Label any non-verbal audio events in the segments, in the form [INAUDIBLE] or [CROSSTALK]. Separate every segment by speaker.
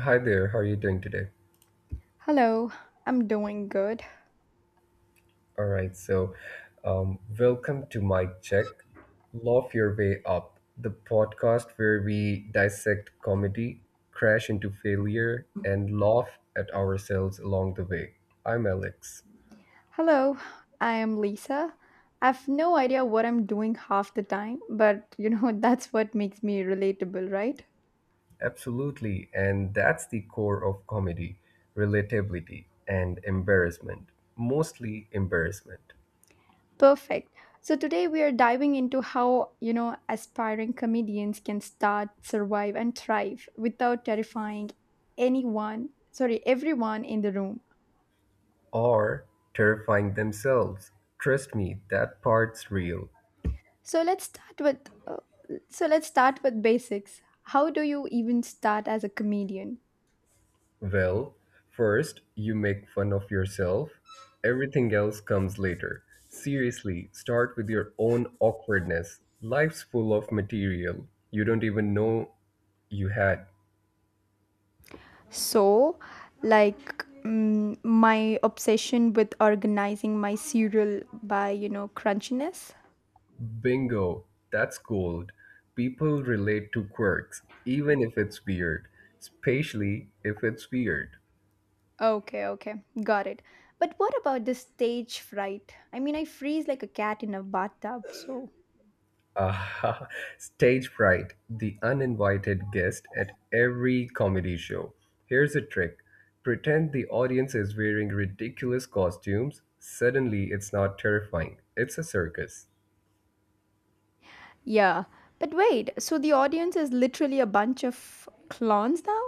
Speaker 1: Hi there, how are you doing today?
Speaker 2: Hello, I'm doing good.
Speaker 1: All right, so welcome to Mic Check, Laugh Your Way Up, the podcast where we dissect comedy, crash into failure, and laugh at ourselves along the way. I'm Alex.
Speaker 2: Hello, I am Lisa. I've no idea what I'm doing half the time, but [LAUGHS] that's what makes me relatable, right?
Speaker 1: Absolutely, and that's the core of comedy, relatability and embarrassment, mostly embarrassment,
Speaker 2: Perfect. So today we are diving into how, aspiring comedians can start, survive and thrive without terrifying anyone, sorry, everyone in the room.
Speaker 1: or terrifying themselves. Trust me, that part's real.
Speaker 2: So let's start with uh, so let's start with basics. How do you even start as a comedian?
Speaker 1: Well, first, you make fun of yourself. Everything else comes later. Seriously, start with your own awkwardness. Life's full of material you don't even know you had.
Speaker 2: So, like, my obsession with organizing my cereal by, crunchiness.
Speaker 1: Bingo, that's gold. People relate to quirks, even if it's weird, especially if it's weird.
Speaker 2: Okay, okay, got it. But what about the stage fright? I mean, I freeze like a cat in a bathtub, so.
Speaker 1: Ah, [LAUGHS] stage fright, the uninvited guest at every comedy show. Here's a trick: pretend the audience is wearing ridiculous costumes. Suddenly, it's not terrifying, it's a circus.
Speaker 2: Yeah, but wait, so the audience is literally a bunch of clowns now?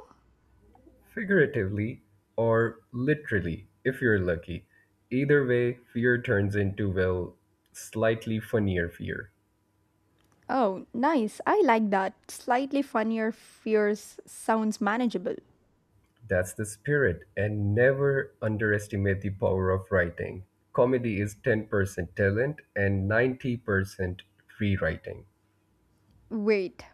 Speaker 1: Figuratively or literally, if you're lucky. Either way, fear turns into, well, slightly funnier fear.
Speaker 2: Oh, nice. I like that. Slightly funnier fears sounds manageable.
Speaker 1: That's the spirit, and never underestimate the power of writing. Comedy is 10% talent and 90% rewriting.
Speaker 2: Wait,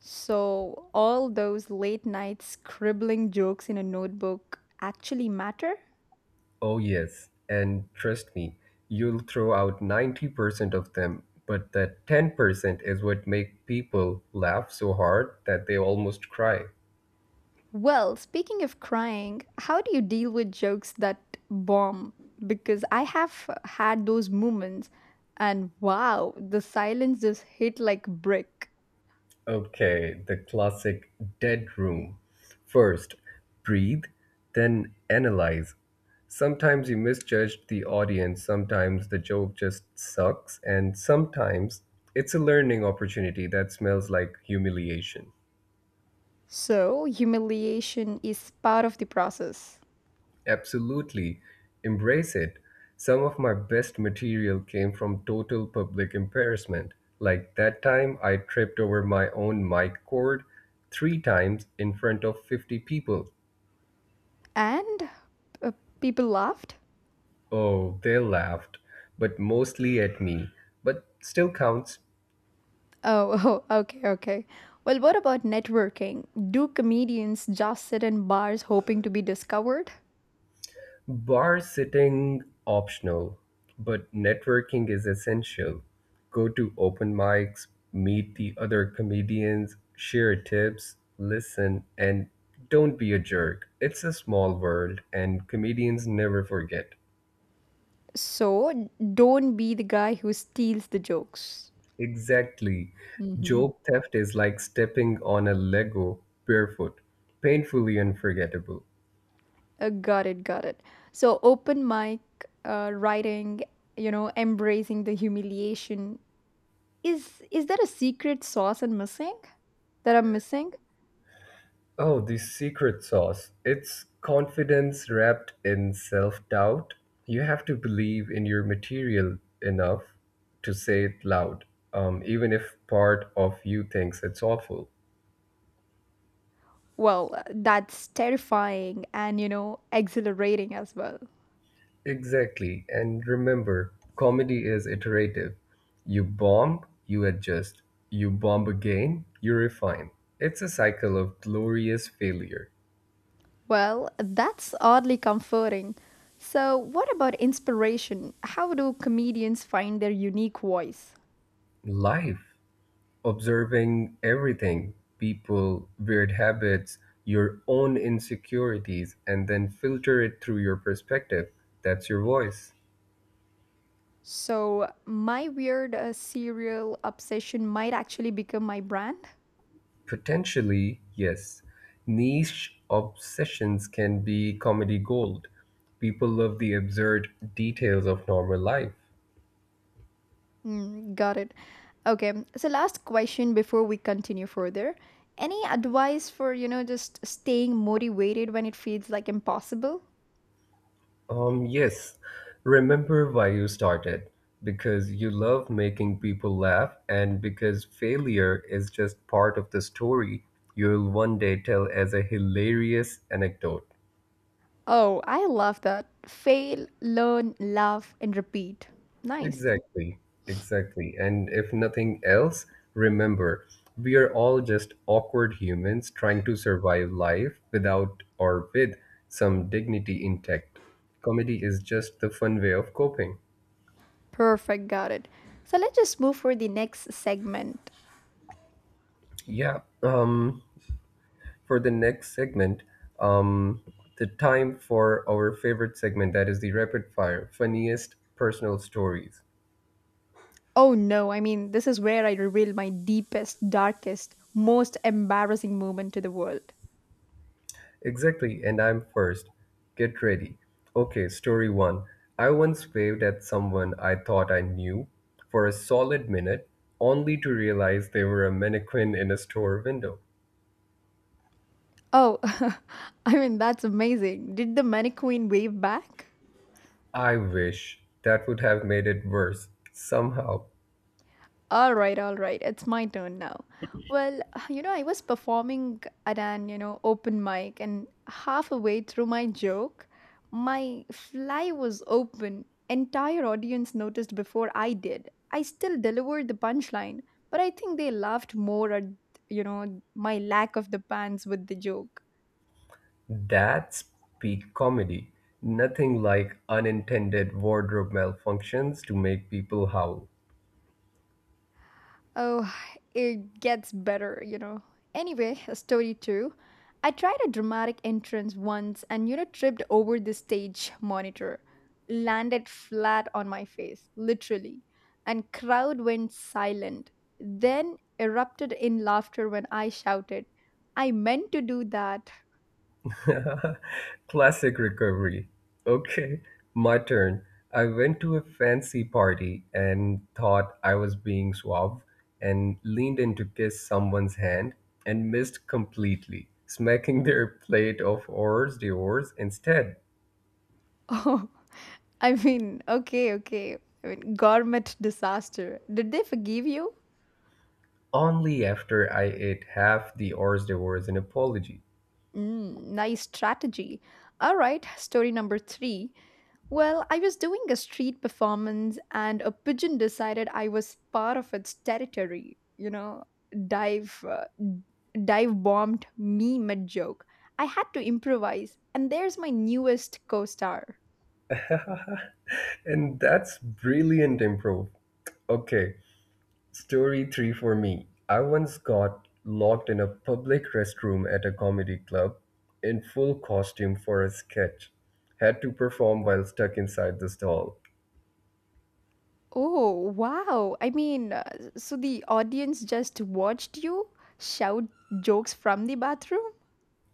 Speaker 2: so all those late night scribbling jokes in a notebook actually matter?
Speaker 1: Oh, yes, and trust me, you'll throw out 90% of them, but that 10% is what make people laugh so hard that they almost cry.
Speaker 2: Well, speaking of crying, how do you deal with jokes that bomb? Because I have had those moments, and wow, the silence just hit like brick.
Speaker 1: Okay, the classic dead room. First, breathe, then analyze. Sometimes you misjudged the audience, sometimes the joke just sucks, and sometimes it's a learning opportunity that smells like humiliation.
Speaker 2: So, humiliation is part of the process.
Speaker 1: Absolutely, embrace it. Some of my best material came from total public embarrassment. Like that time I tripped over my own mic cord 3 times in front of 50 people.
Speaker 2: And uh, people laughed?
Speaker 1: Oh, they laughed, but mostly at me, but still counts.
Speaker 2: Oh, [LAUGHS] okay, okay. Well, what about networking? Do comedians just sit in bars hoping to be discovered?
Speaker 1: Bar sitting optional, but networking is essential. Go to open mics, meet the other comedians, share tips, listen, and don't be a jerk. It's a small world, and comedians never forget.
Speaker 2: So, don't be the guy who steals the jokes.
Speaker 1: Exactly.
Speaker 2: Hmm.
Speaker 1: Joke theft is like stepping on a Lego barefoot, painfully unforgettable.
Speaker 2: Got it, got it. So, open mic, writing, embracing the humiliation. Is there a secret sauce I'm missing? That I'm missing?
Speaker 1: Oh, the secret sauce. It's confidence wrapped in self doubt. You have to believe in your material enough to say it loud, even if part of you thinks it's awful.
Speaker 2: Well, that's terrifying and exhilarating as well.
Speaker 1: Exactly. And remember, comedy is iterative. You bomb, you adjust. You bomb again, you refine. It's a cycle of glorious failure.
Speaker 2: Well, that's oddly comforting. So, what about inspiration? How do comedians find their unique voice?
Speaker 1: Life. Observing everything, people, weird habits, your own insecurities, and then filter it through your perspective. That's your voice.
Speaker 2: So, my weird serial obsession might actually become my brand?
Speaker 1: Potentially, yes. Niche obsessions can be comedy gold. People love the absurd details of normal life.
Speaker 2: Got it. Okay, so last question before we continue further. Any advice for, just staying motivated when it feels like impossible?
Speaker 1: Yes, remember why you started. Because you love making people laugh, and because failure is just part of the story you'll one day tell as a hilarious anecdote.
Speaker 2: Oh, I love that. Fail, learn, laugh, and repeat. Nice.
Speaker 1: Exactly, exactly. And if nothing else, remember, we are all just awkward humans trying to survive life without or with some dignity intact. Comedy is just the fun way of coping.
Speaker 2: Perfect, got it. So let's just move for the next segment.
Speaker 1: Yeah. For the next segment, um, the time for our favorite segment, that is the rapid fire, funniest personal stories.
Speaker 2: Oh no, I mean, this is where I reveal my deepest, darkest, most embarrassing moment to the world.
Speaker 1: Exactly, and I'm first. Get ready. Okay, story one. I once waved at someone I thought I knew for a solid minute, only to realize they were a mannequin in a store window.
Speaker 2: Oh, [LAUGHS] I mean, that's amazing. Did the mannequin wave back?
Speaker 1: I wish. That would have made it worse somehow.
Speaker 2: All right, all right. It's my turn now. Well, I was performing at an open mic and halfway through my joke, my fly was open. Entire audience noticed before I did. I still delivered the punchline, but I think they laughed more at, my lack of the pants with the joke.
Speaker 1: That's peak comedy. Nothing like unintended wardrobe malfunctions to make people howl.
Speaker 2: Oh, it gets better. Anyway, a story too. I tried a dramatic entrance once and tripped over the stage monitor, landed flat on my face, literally, and crowd went silent. Then erupted in laughter when I shouted, I meant to do that. [LAUGHS]
Speaker 1: [LAUGHS] Classic recovery. Okay, my turn. I went to a fancy party and thought I was being suave and leaned in to kiss someone's hand and missed completely, smacking their plate of hors d'oeuvres instead,
Speaker 2: Oh, I mean, okay, okay. I mean, gourmet disaster. Did they forgive you?
Speaker 1: only after I ate half the hors d'oeuvres in apology.
Speaker 2: Mm, nice strategy. All right, story number three. Well, I was doing a street performance and a pigeon decided I was part of its territory. Dive, uh, dive bombed me mid joke. I had to improvise, and there's my newest co star.
Speaker 1: [LAUGHS] And that's brilliant improv. Okay, story 3 for me. I once got locked in a public restroom at a comedy club in full costume for a sketch. Had to perform while stuck inside the stall.
Speaker 2: Oh, wow. I mean, so the audience just watched you shout jokes from the bathroom?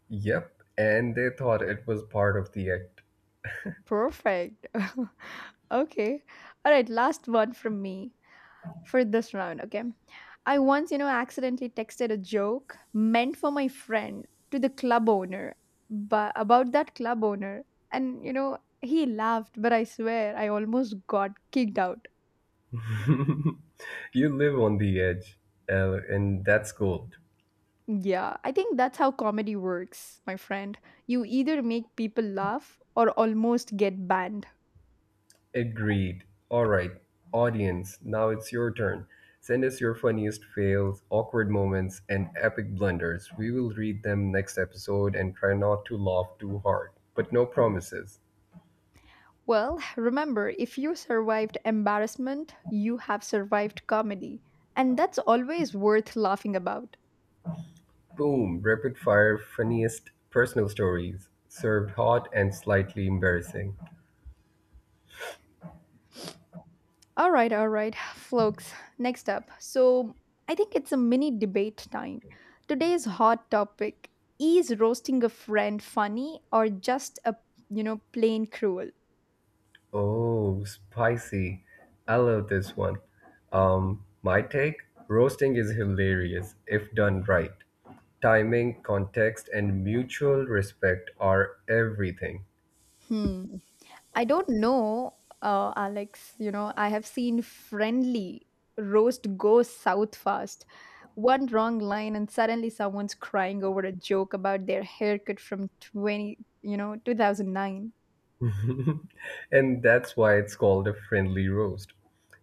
Speaker 1: Yep, and they thought it was part of the act.
Speaker 2: Perfect. [LAUGHS] okay. All right. Last one from me for this round. Okay. I once, accidentally texted a joke meant for my friend to the club owner, but about that club owner. And he laughed, but I swear I almost got kicked out.
Speaker 1: [LAUGHS] You live on the edge, and that's gold.
Speaker 2: Yeah, I think that's how comedy works, my friend. You either make people laugh or almost get banned.
Speaker 1: Agreed. All right, audience, now it's your turn. Send us your funniest fails, awkward moments, and epic blunders. We will read them next episode and try not to laugh too hard, but no promises.
Speaker 2: Well, remember, if you survived embarrassment, you have survived comedy. And that's always worth laughing about.
Speaker 1: Boom, rapid fire funniest personal stories, served hot and slightly embarrassing.
Speaker 2: All right, folks. Next up. So, I think it's a mini debate time. Today's hot topic: is roasting a friend funny or just a, plain cruel?
Speaker 1: Oh, spicy. I love this one. My take? Roasting is hilarious if done right. Timing, context, and mutual respect are everything.
Speaker 2: Hmm. I don't know, Alex. I have seen friendly roast go south fast. One wrong line, and suddenly someone's crying over a joke about their haircut from 20, 2009.
Speaker 1: [LAUGHS] And that's why it's called a friendly roast.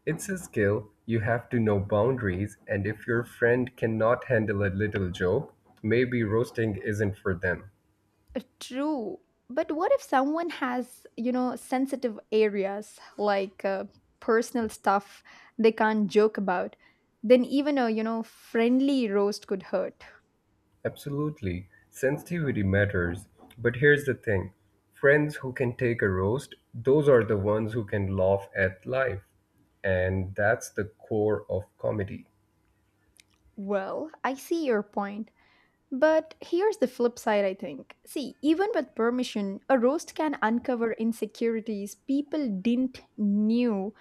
Speaker 1: It's a skill, you have to know boundaries, and if your friend cannot handle a little joke, maybe roasting isn't for them.
Speaker 2: True. But what if someone has, sensitive areas like personal stuff they can't joke about? Then even a, friendly roast could hurt.
Speaker 1: Absolutely, sensitivity matters. But here's the thing: friends who can take a roast, those are the ones who can laugh at life. And that's the core of comedy.
Speaker 2: Well, I see your point. But here's the flip side, I think. See, even with permission, a roast can uncover insecurities people didn't knew,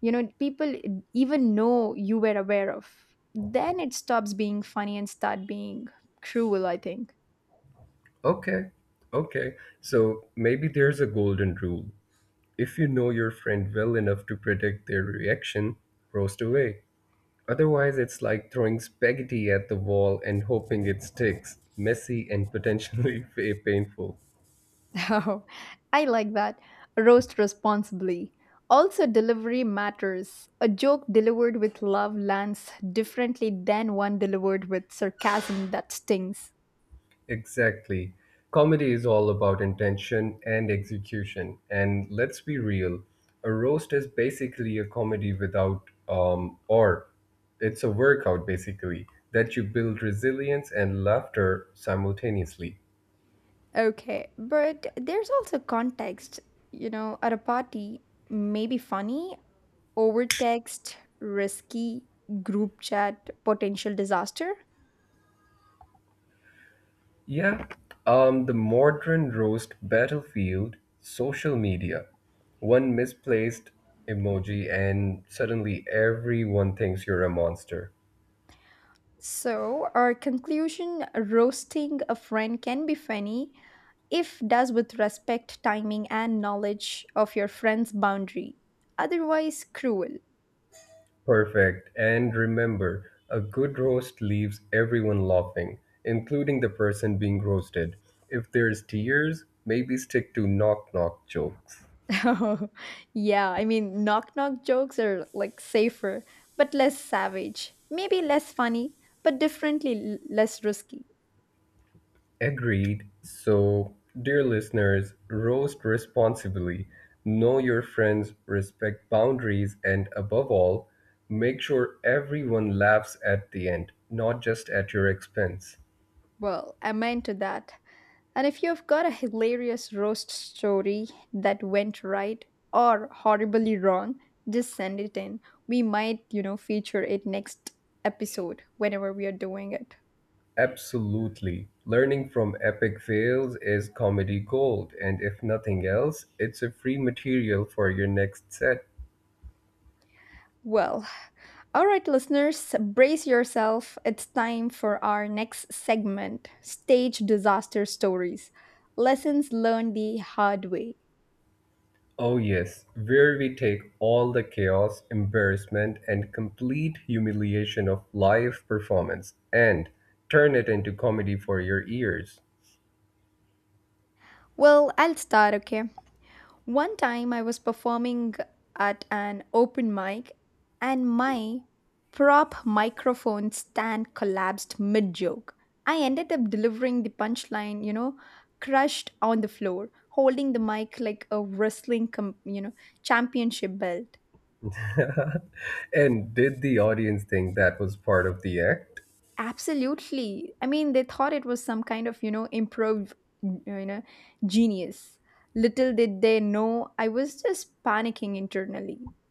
Speaker 2: people even know you were aware of. Then it stops being funny and start being cruel, I think.
Speaker 1: Okay, okay. So maybe there's a golden rule. If you know your friend well enough to predict their reaction, roast away. Otherwise, it's like throwing spaghetti at the wall and hoping it sticks, messy and potentially [LAUGHS] fa- painful.
Speaker 2: [LAUGHS] Oh, I like that. Roast responsibly. Also, delivery matters. A joke delivered with love lands differently than one delivered with sarcasm that stings.
Speaker 1: Exactly. Comedy is all about intention and execution. And let's be real, a roast is basically a comedy without, or it's a workout basically, that you build resilience and laughter simultaneously.
Speaker 2: Okay, but there's also context. At a party, maybe funny, over text, risky, group chat, potential disaster.
Speaker 1: Yeah, the modern roast battlefield, social media. One misplaced emoji, and suddenly everyone thinks you're a monster.
Speaker 2: So, our conclusion: roasting a friend can be funny if does with respect, timing, and knowledge of your friend's boundary. Otherwise, cruel.
Speaker 1: Perfect. And remember, a good roast leaves everyone laughing, including the person being roasted. If there's tears, maybe stick to knock knock jokes.
Speaker 2: [LAUGHS] Oh, yeah, I mean, knock knock jokes are like safer, but less savage. Maybe less funny, but differently less risky.
Speaker 1: Agreed. So, dear listeners, roast responsibly. Know your friends, respect boundaries, and above all, make sure everyone laughs at the end, not just at your expense.
Speaker 2: Well, I'm into that. And if you've got a hilarious roast story that went right or horribly wrong, just send it in. We might, feature it next episode whenever we are doing it.
Speaker 1: Absolutely. Learning from epic fails is comedy gold, and if nothing else, it's a free material for your next set.
Speaker 2: Well, all right, listeners, brace yourself. It's time for our next segment: stage disaster stories. Lessons learned the hard way.
Speaker 1: Oh, yes, where we take all the chaos, embarrassment, and complete humiliation of live performance and turn it into comedy for your ears.
Speaker 2: Well, I'll start, okay? One time I was performing at an open mic and my prop microphone stand collapsed mid joke. I ended up delivering the punchline, crushed on the floor, holding the mic like a wrestling, championship belt.
Speaker 1: [LAUGHS] And did the audience think that was part of the act?
Speaker 2: Absolutely. I mean, they thought it was some kind of, improv, you know, genius. Little did they know, I was just panicking internally. [LAUGHS]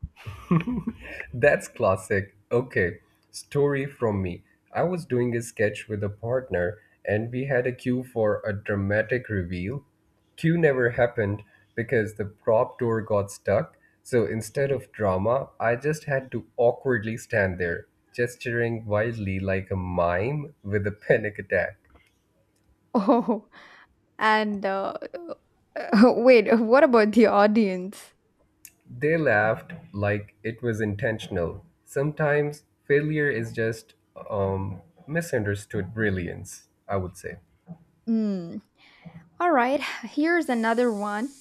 Speaker 1: That's classic. Okay, story from me. I was doing a sketch with a partner and we had a cue for a dramatic reveal. Cue never happened because the prop door got stuck. So instead of drama, I just had to awkwardly stand there, gesturing wildly like a mime with a [LAUGHS] panic attack.
Speaker 2: Oh, and [LAUGHS] wait, what about the audience?
Speaker 1: They laughed like it was intentional. Sometimes failure is just um, misunderstood brilliance, I would say.
Speaker 2: Hmm. All right, here's another one.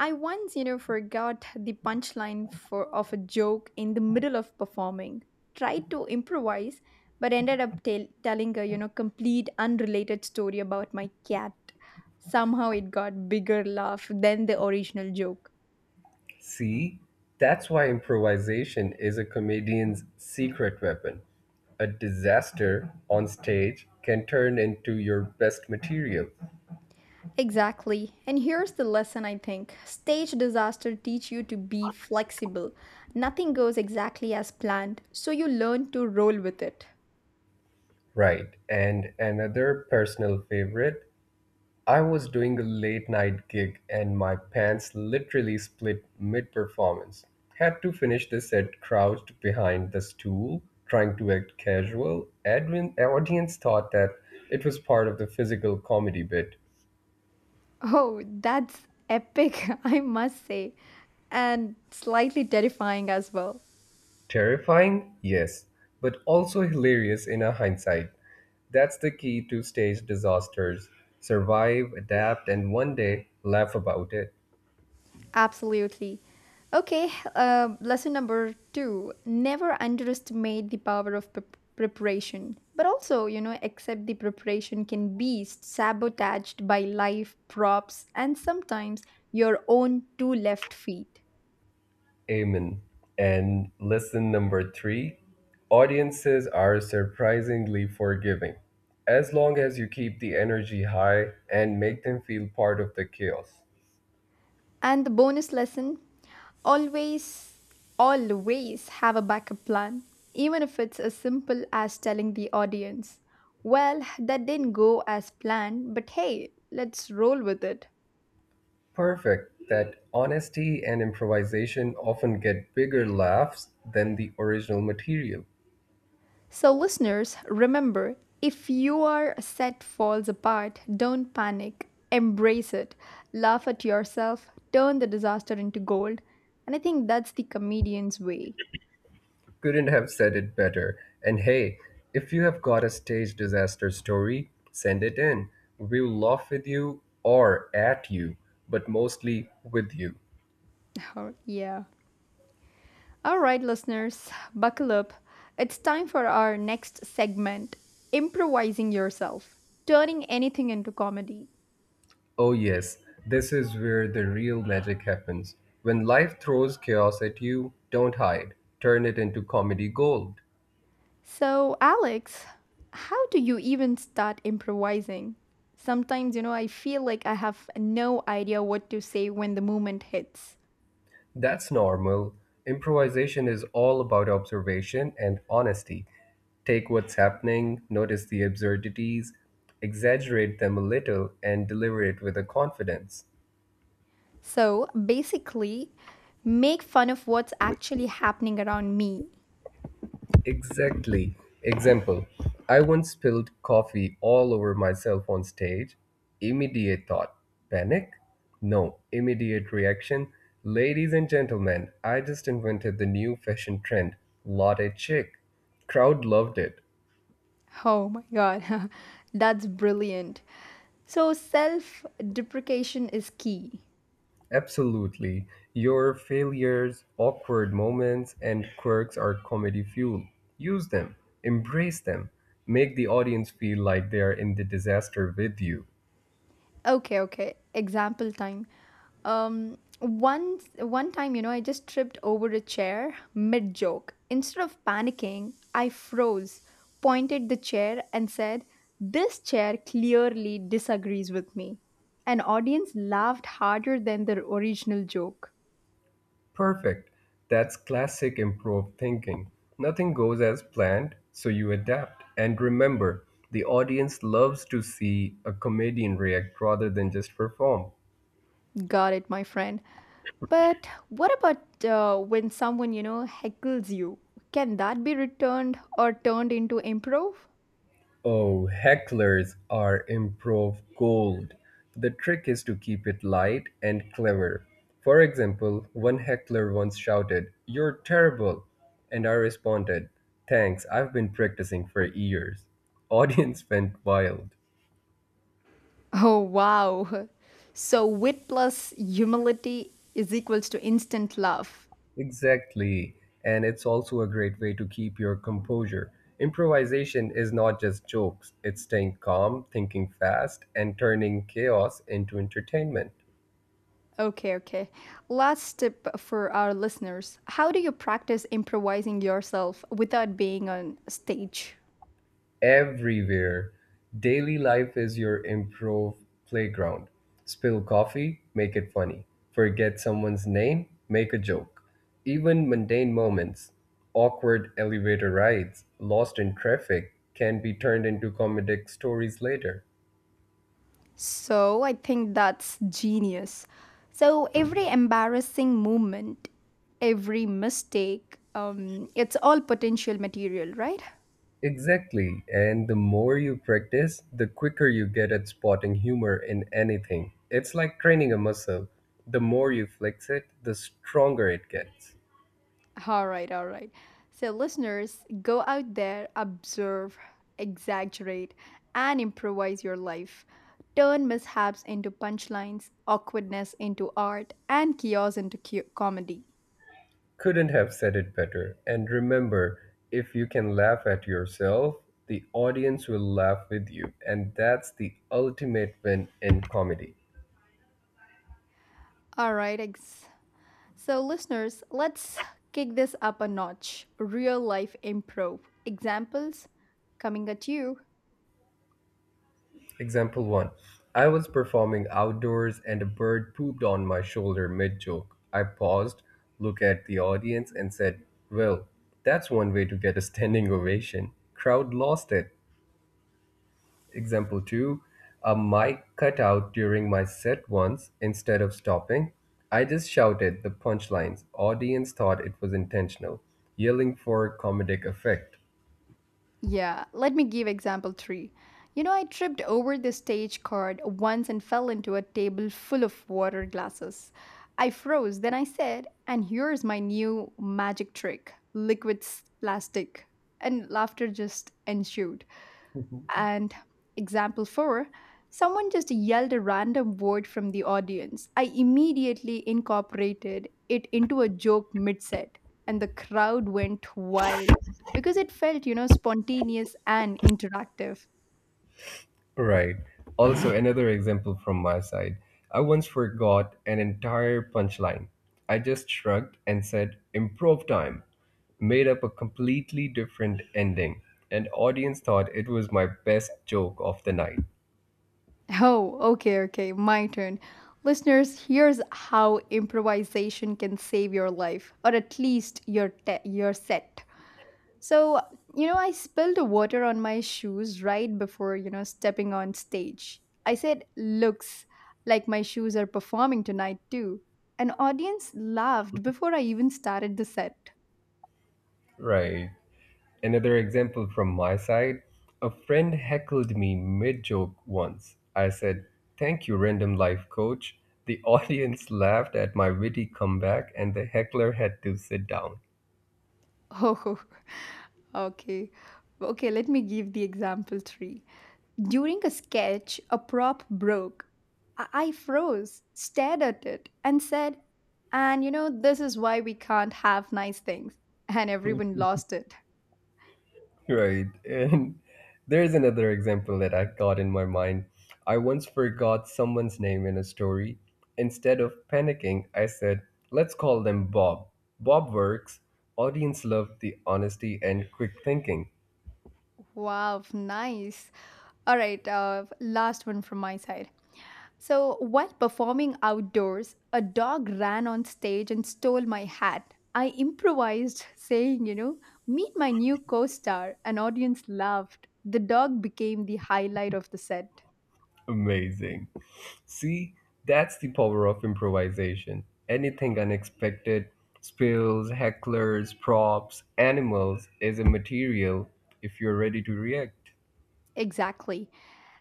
Speaker 2: I once, forgot the punchline for of a joke in the middle of performing. Tried to improvise, but ended up telling a, complete unrelated story about my cat. Somehow it got bigger laugh than the original joke.
Speaker 1: See, that's why improvisation is a comedian's secret weapon. A disaster on stage can turn into your best material.
Speaker 2: Exactly. And here's the lesson I think. Stage disaster teach you to be flexible. Nothing goes exactly as planned, so you learn to roll with it.
Speaker 1: Right, and another personal favorite: I was doing a late night gig and my pants literally split mid performance. Had to finish the set crouched behind the stool, trying to act casual. Admin audience thought that it was part of the physical comedy bit.
Speaker 2: Oh, that's epic, [LAUGHS] I must say, and slightly terrifying as well.
Speaker 1: Terrifying? Yes, but also hilarious in a hindsight. That's the key to stage disasters. Survive, adapt, and one day laugh about it.
Speaker 2: Absolutely. Okay, lesson number two never underestimate the power of preparation, but also, accept the preparation can be sabotaged by life, props, and sometimes your own two left feet.
Speaker 1: Amen. And lesson number three: audiences are surprisingly forgiving. As long as you keep the energy high and make them feel part of the chaos.
Speaker 2: And the bonus lesson always, always have a backup plan, even if it's as simple as telling the audience, well, that didn't go as planned, but hey, let's roll with it.
Speaker 1: Perfect. That honesty and improvisation often get bigger laughs than the original material.
Speaker 2: So, listeners, remember if your set falls apart, don't panic, embrace it, laugh at yourself, turn the disaster into gold. And I think that's the comedian's way.
Speaker 1: Couldn't have said it better. And hey, if you have got a stage disaster story, send it in. We'll laugh with you or at you, but mostly with you.
Speaker 2: [LAUGHS] Oh, yeah. All right, listeners, buckle up. It's time for our next segment: improvising yourself, turning anything into comedy.
Speaker 1: Oh, yes, this is where the real magic happens. When life throws chaos at you, don't hide, turn it into comedy gold.
Speaker 2: So, Alex, how do you even start improvising? Sometimes, I feel like I have no idea what to say when the moment hits.
Speaker 1: That's normal. Improvisation is all about observation and honesty. Take what's happening, notice the absurdities, exaggerate them a little, and deliver it with a confidence.
Speaker 2: So, basically, make fun of what's actually happening around me.
Speaker 1: Exactly. Example: I once spilled coffee all over myself on stage. Immediate thought, panic? No. Immediate reaction: ladies and gentlemen, I just invented the new fashion trend, latte chic. Crowd loved it.
Speaker 2: Oh my god, [LAUGHS] that's brilliant. So, self deprecation is key.
Speaker 1: Absolutely. Your failures, awkward moments, and quirks are comedy fuel. Use them, embrace them, make the audience feel like they are in the disaster with you.
Speaker 2: Okay, okay. Example time. One time, I just tripped over a chair mid joke. Instead of panicking, I froze, pointed the chair, and said, "This chair clearly disagrees with me." An audience laughed harder than the original joke.
Speaker 1: Perfect. That's classic improv thinking. Nothing goes as planned, so you adapt. And remember, the audience loves to see a comedian react rather than just perform.
Speaker 2: Got it, my friend. But what about when someone, heckles you? Can that be returned or turned into improv?
Speaker 1: Oh, hecklers are improv gold. The trick is to keep it light and clever. For example, one heckler once shouted, "You're terrible!" And I responded, "Thanks, I've been practicing for years." Audience [LAUGHS] went wild.
Speaker 2: Oh, wow. So, wit plus humility is equals to instant love.
Speaker 1: Exactly. And it's also a great way to keep your composure. Improvisation is not just jokes, it's staying calm, thinking fast, and turning chaos into entertainment.
Speaker 2: Okay, okay. Last tip for our listeners. How do you practice improvising yourself without being on stage?
Speaker 1: Everywhere. Daily life is your improv playground. Spill coffee, make it funny. Forget someone's name, make a joke. Even mundane moments, awkward elevator rides, lost in traffic, can be turned into comedic stories later.
Speaker 2: So, I think that's genius. So, every embarrassing moment, every mistake, it's all potential material, right?
Speaker 1: Exactly, and the more you practice, the quicker you get at spotting humor in anything. It's like training a muscle. The more you flex it, the stronger it gets.
Speaker 2: All right, all right. So, listeners, go out there, observe, exaggerate, and improvise your life. Turn mishaps into punchlines, awkwardness into art, and chaos into comedy.
Speaker 1: Couldn't have said it better. And remember, if you can laugh at yourself, the audience will laugh with you. And that's the ultimate win in comedy.
Speaker 2: All right, so listeners, let's kick this up a notch. Real life improv examples coming at you.
Speaker 1: Example 1: I was performing outdoors and a bird pooped on my shoulder mid joke. I paused, looked at the audience, and said, "Well, that's one way to get a standing ovation." Crowd lost it. Example 2: a mic cut out during my set once. Instead of stopping, I just shouted the punchlines. Audience thought it was intentional, yelling for comedic effect.
Speaker 2: Yeah, let me give example 3. I tripped over the stage card once and fell into a table full of water glasses. I froze, then I said, and here's my new magic trick liquid plastic. And laughter just ensued.
Speaker 1: [LAUGHS]
Speaker 2: And example four, someone just yelled a random word from the audience. I immediately incorporated it into a joke mid set, and the crowd went wild because it felt, spontaneous and interactive.
Speaker 1: Right. Also, another example from my side. I once forgot an entire punchline. I just shrugged and said, "improv time." Made up a completely different ending. And audience thought it was my best joke of the night.
Speaker 2: Oh, okay, okay, my turn. Listeners, here's how improvisation can save your life, or at least your set. So, I spilled water on my shoes right before, stepping on stage. I said, looks like my shoes are performing tonight too. An audience laughed before I even started the set.
Speaker 1: Right. Another example from my side: a friend heckled me mid joke once. I said, "Thank you, random life coach." The audience [LAUGHS] laughed at my witty comeback, and the heckler had to sit down.
Speaker 2: [LAUGHS] Oh, okay. Okay, let me give the example three. During a sketch, a prop broke. I froze, stared at it, and said, and this is why we can't have nice things. And everyone lost it.
Speaker 1: Right. And there's another example that I got in my mind. I once forgot someone's name in a story. Instead of panicking, I said, "Let's call them Bob. Bob works." Audience loved the honesty and quick thinking.
Speaker 2: Wow, nice. All right, last one from my side. So, while performing outdoors, a dog ran on stage and stole my hat. I improvised, saying, meet my new co star. An audience laughed. The dog became the highlight of the set.
Speaker 1: Amazing. See, that's the power of improvisation. Anything unexpected, spills, hecklers, props, animals is a material if you're ready to react.
Speaker 2: Exactly.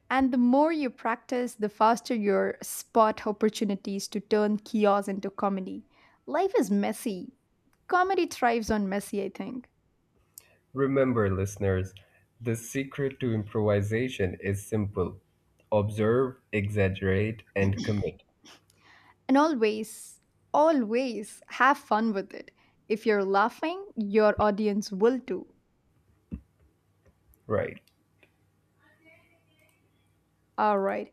Speaker 2: And the more you practice, the faster your spot opportunities to turn chaos into comedy. Life is messy. Comedy thrives on messy, I think.
Speaker 1: Remember, listeners, the secret to improvisation is simple: observe, exaggerate, and commit.
Speaker 2: And always, always have fun with it. If you're laughing, your audience will too.
Speaker 1: Right.
Speaker 2: All right.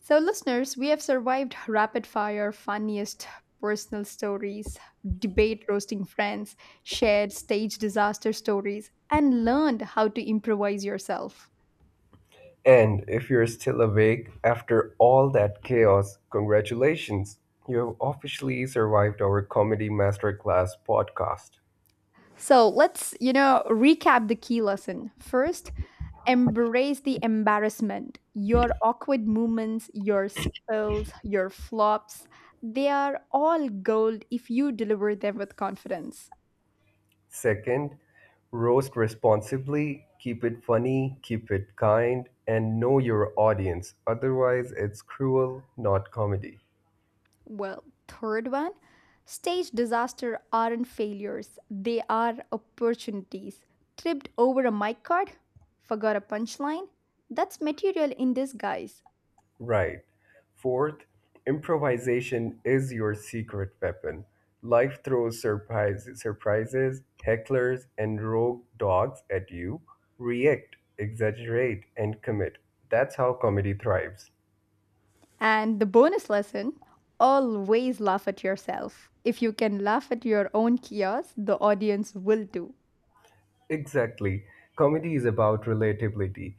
Speaker 2: So, listeners, we have survived rapid fire, funniest personal stories, debate roasting friends, shared stage disaster stories, and learned how to improvise yourself.
Speaker 1: And if you're still awake after all that chaos, congratulations! You have officially survived our Comedy Masterclass podcast.
Speaker 2: So, let's, recap the key lesson. First, embrace the embarrassment. Your awkward moments, your spills, your flops, they are all gold if you deliver them with confidence.
Speaker 1: Second, roast responsibly, keep it funny, keep it kind, and know your audience. Otherwise, it's cruel, not comedy.
Speaker 2: Well, third one, stage disaster aren't failures, they are opportunities. Tripped over a mic card, forgot a punchline, that's material in disguise.
Speaker 1: Right. Fourth, improvisation is your secret weapon. Life throws surprise, surprises, hecklers, and rogue dogs at you. React, exaggerate, and commit. That's how comedy thrives.
Speaker 2: And the bonus lesson always laugh at yourself. If you can laugh at your own chaos, the audience will too.
Speaker 1: Exactly. Comedy is about relatability,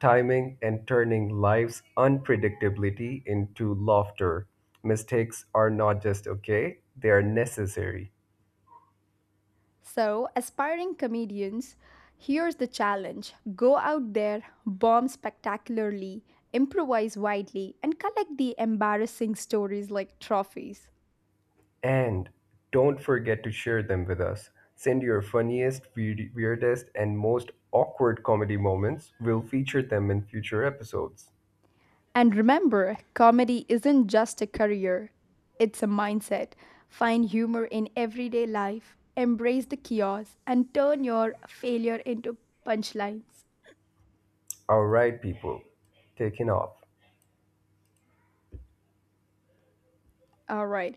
Speaker 1: timing, and turning life's unpredictability into laughter. Mistakes are not just okay, they are necessary.
Speaker 2: So, aspiring comedians, here's the challenge: go out there, bomb spectacularly, improvise widely, and collect the embarrassing stories like trophies.
Speaker 1: And don't forget to share them with us. Send your funniest, weird- weirdest, and most awkward comedy moments. We'll feature them in future episodes.
Speaker 2: And remember, comedy isn't just a career, it's a mindset. Find humor in everyday life, embrace the chaos, and turn your failure into punchlines.
Speaker 1: All right, people, taking off.
Speaker 2: All right.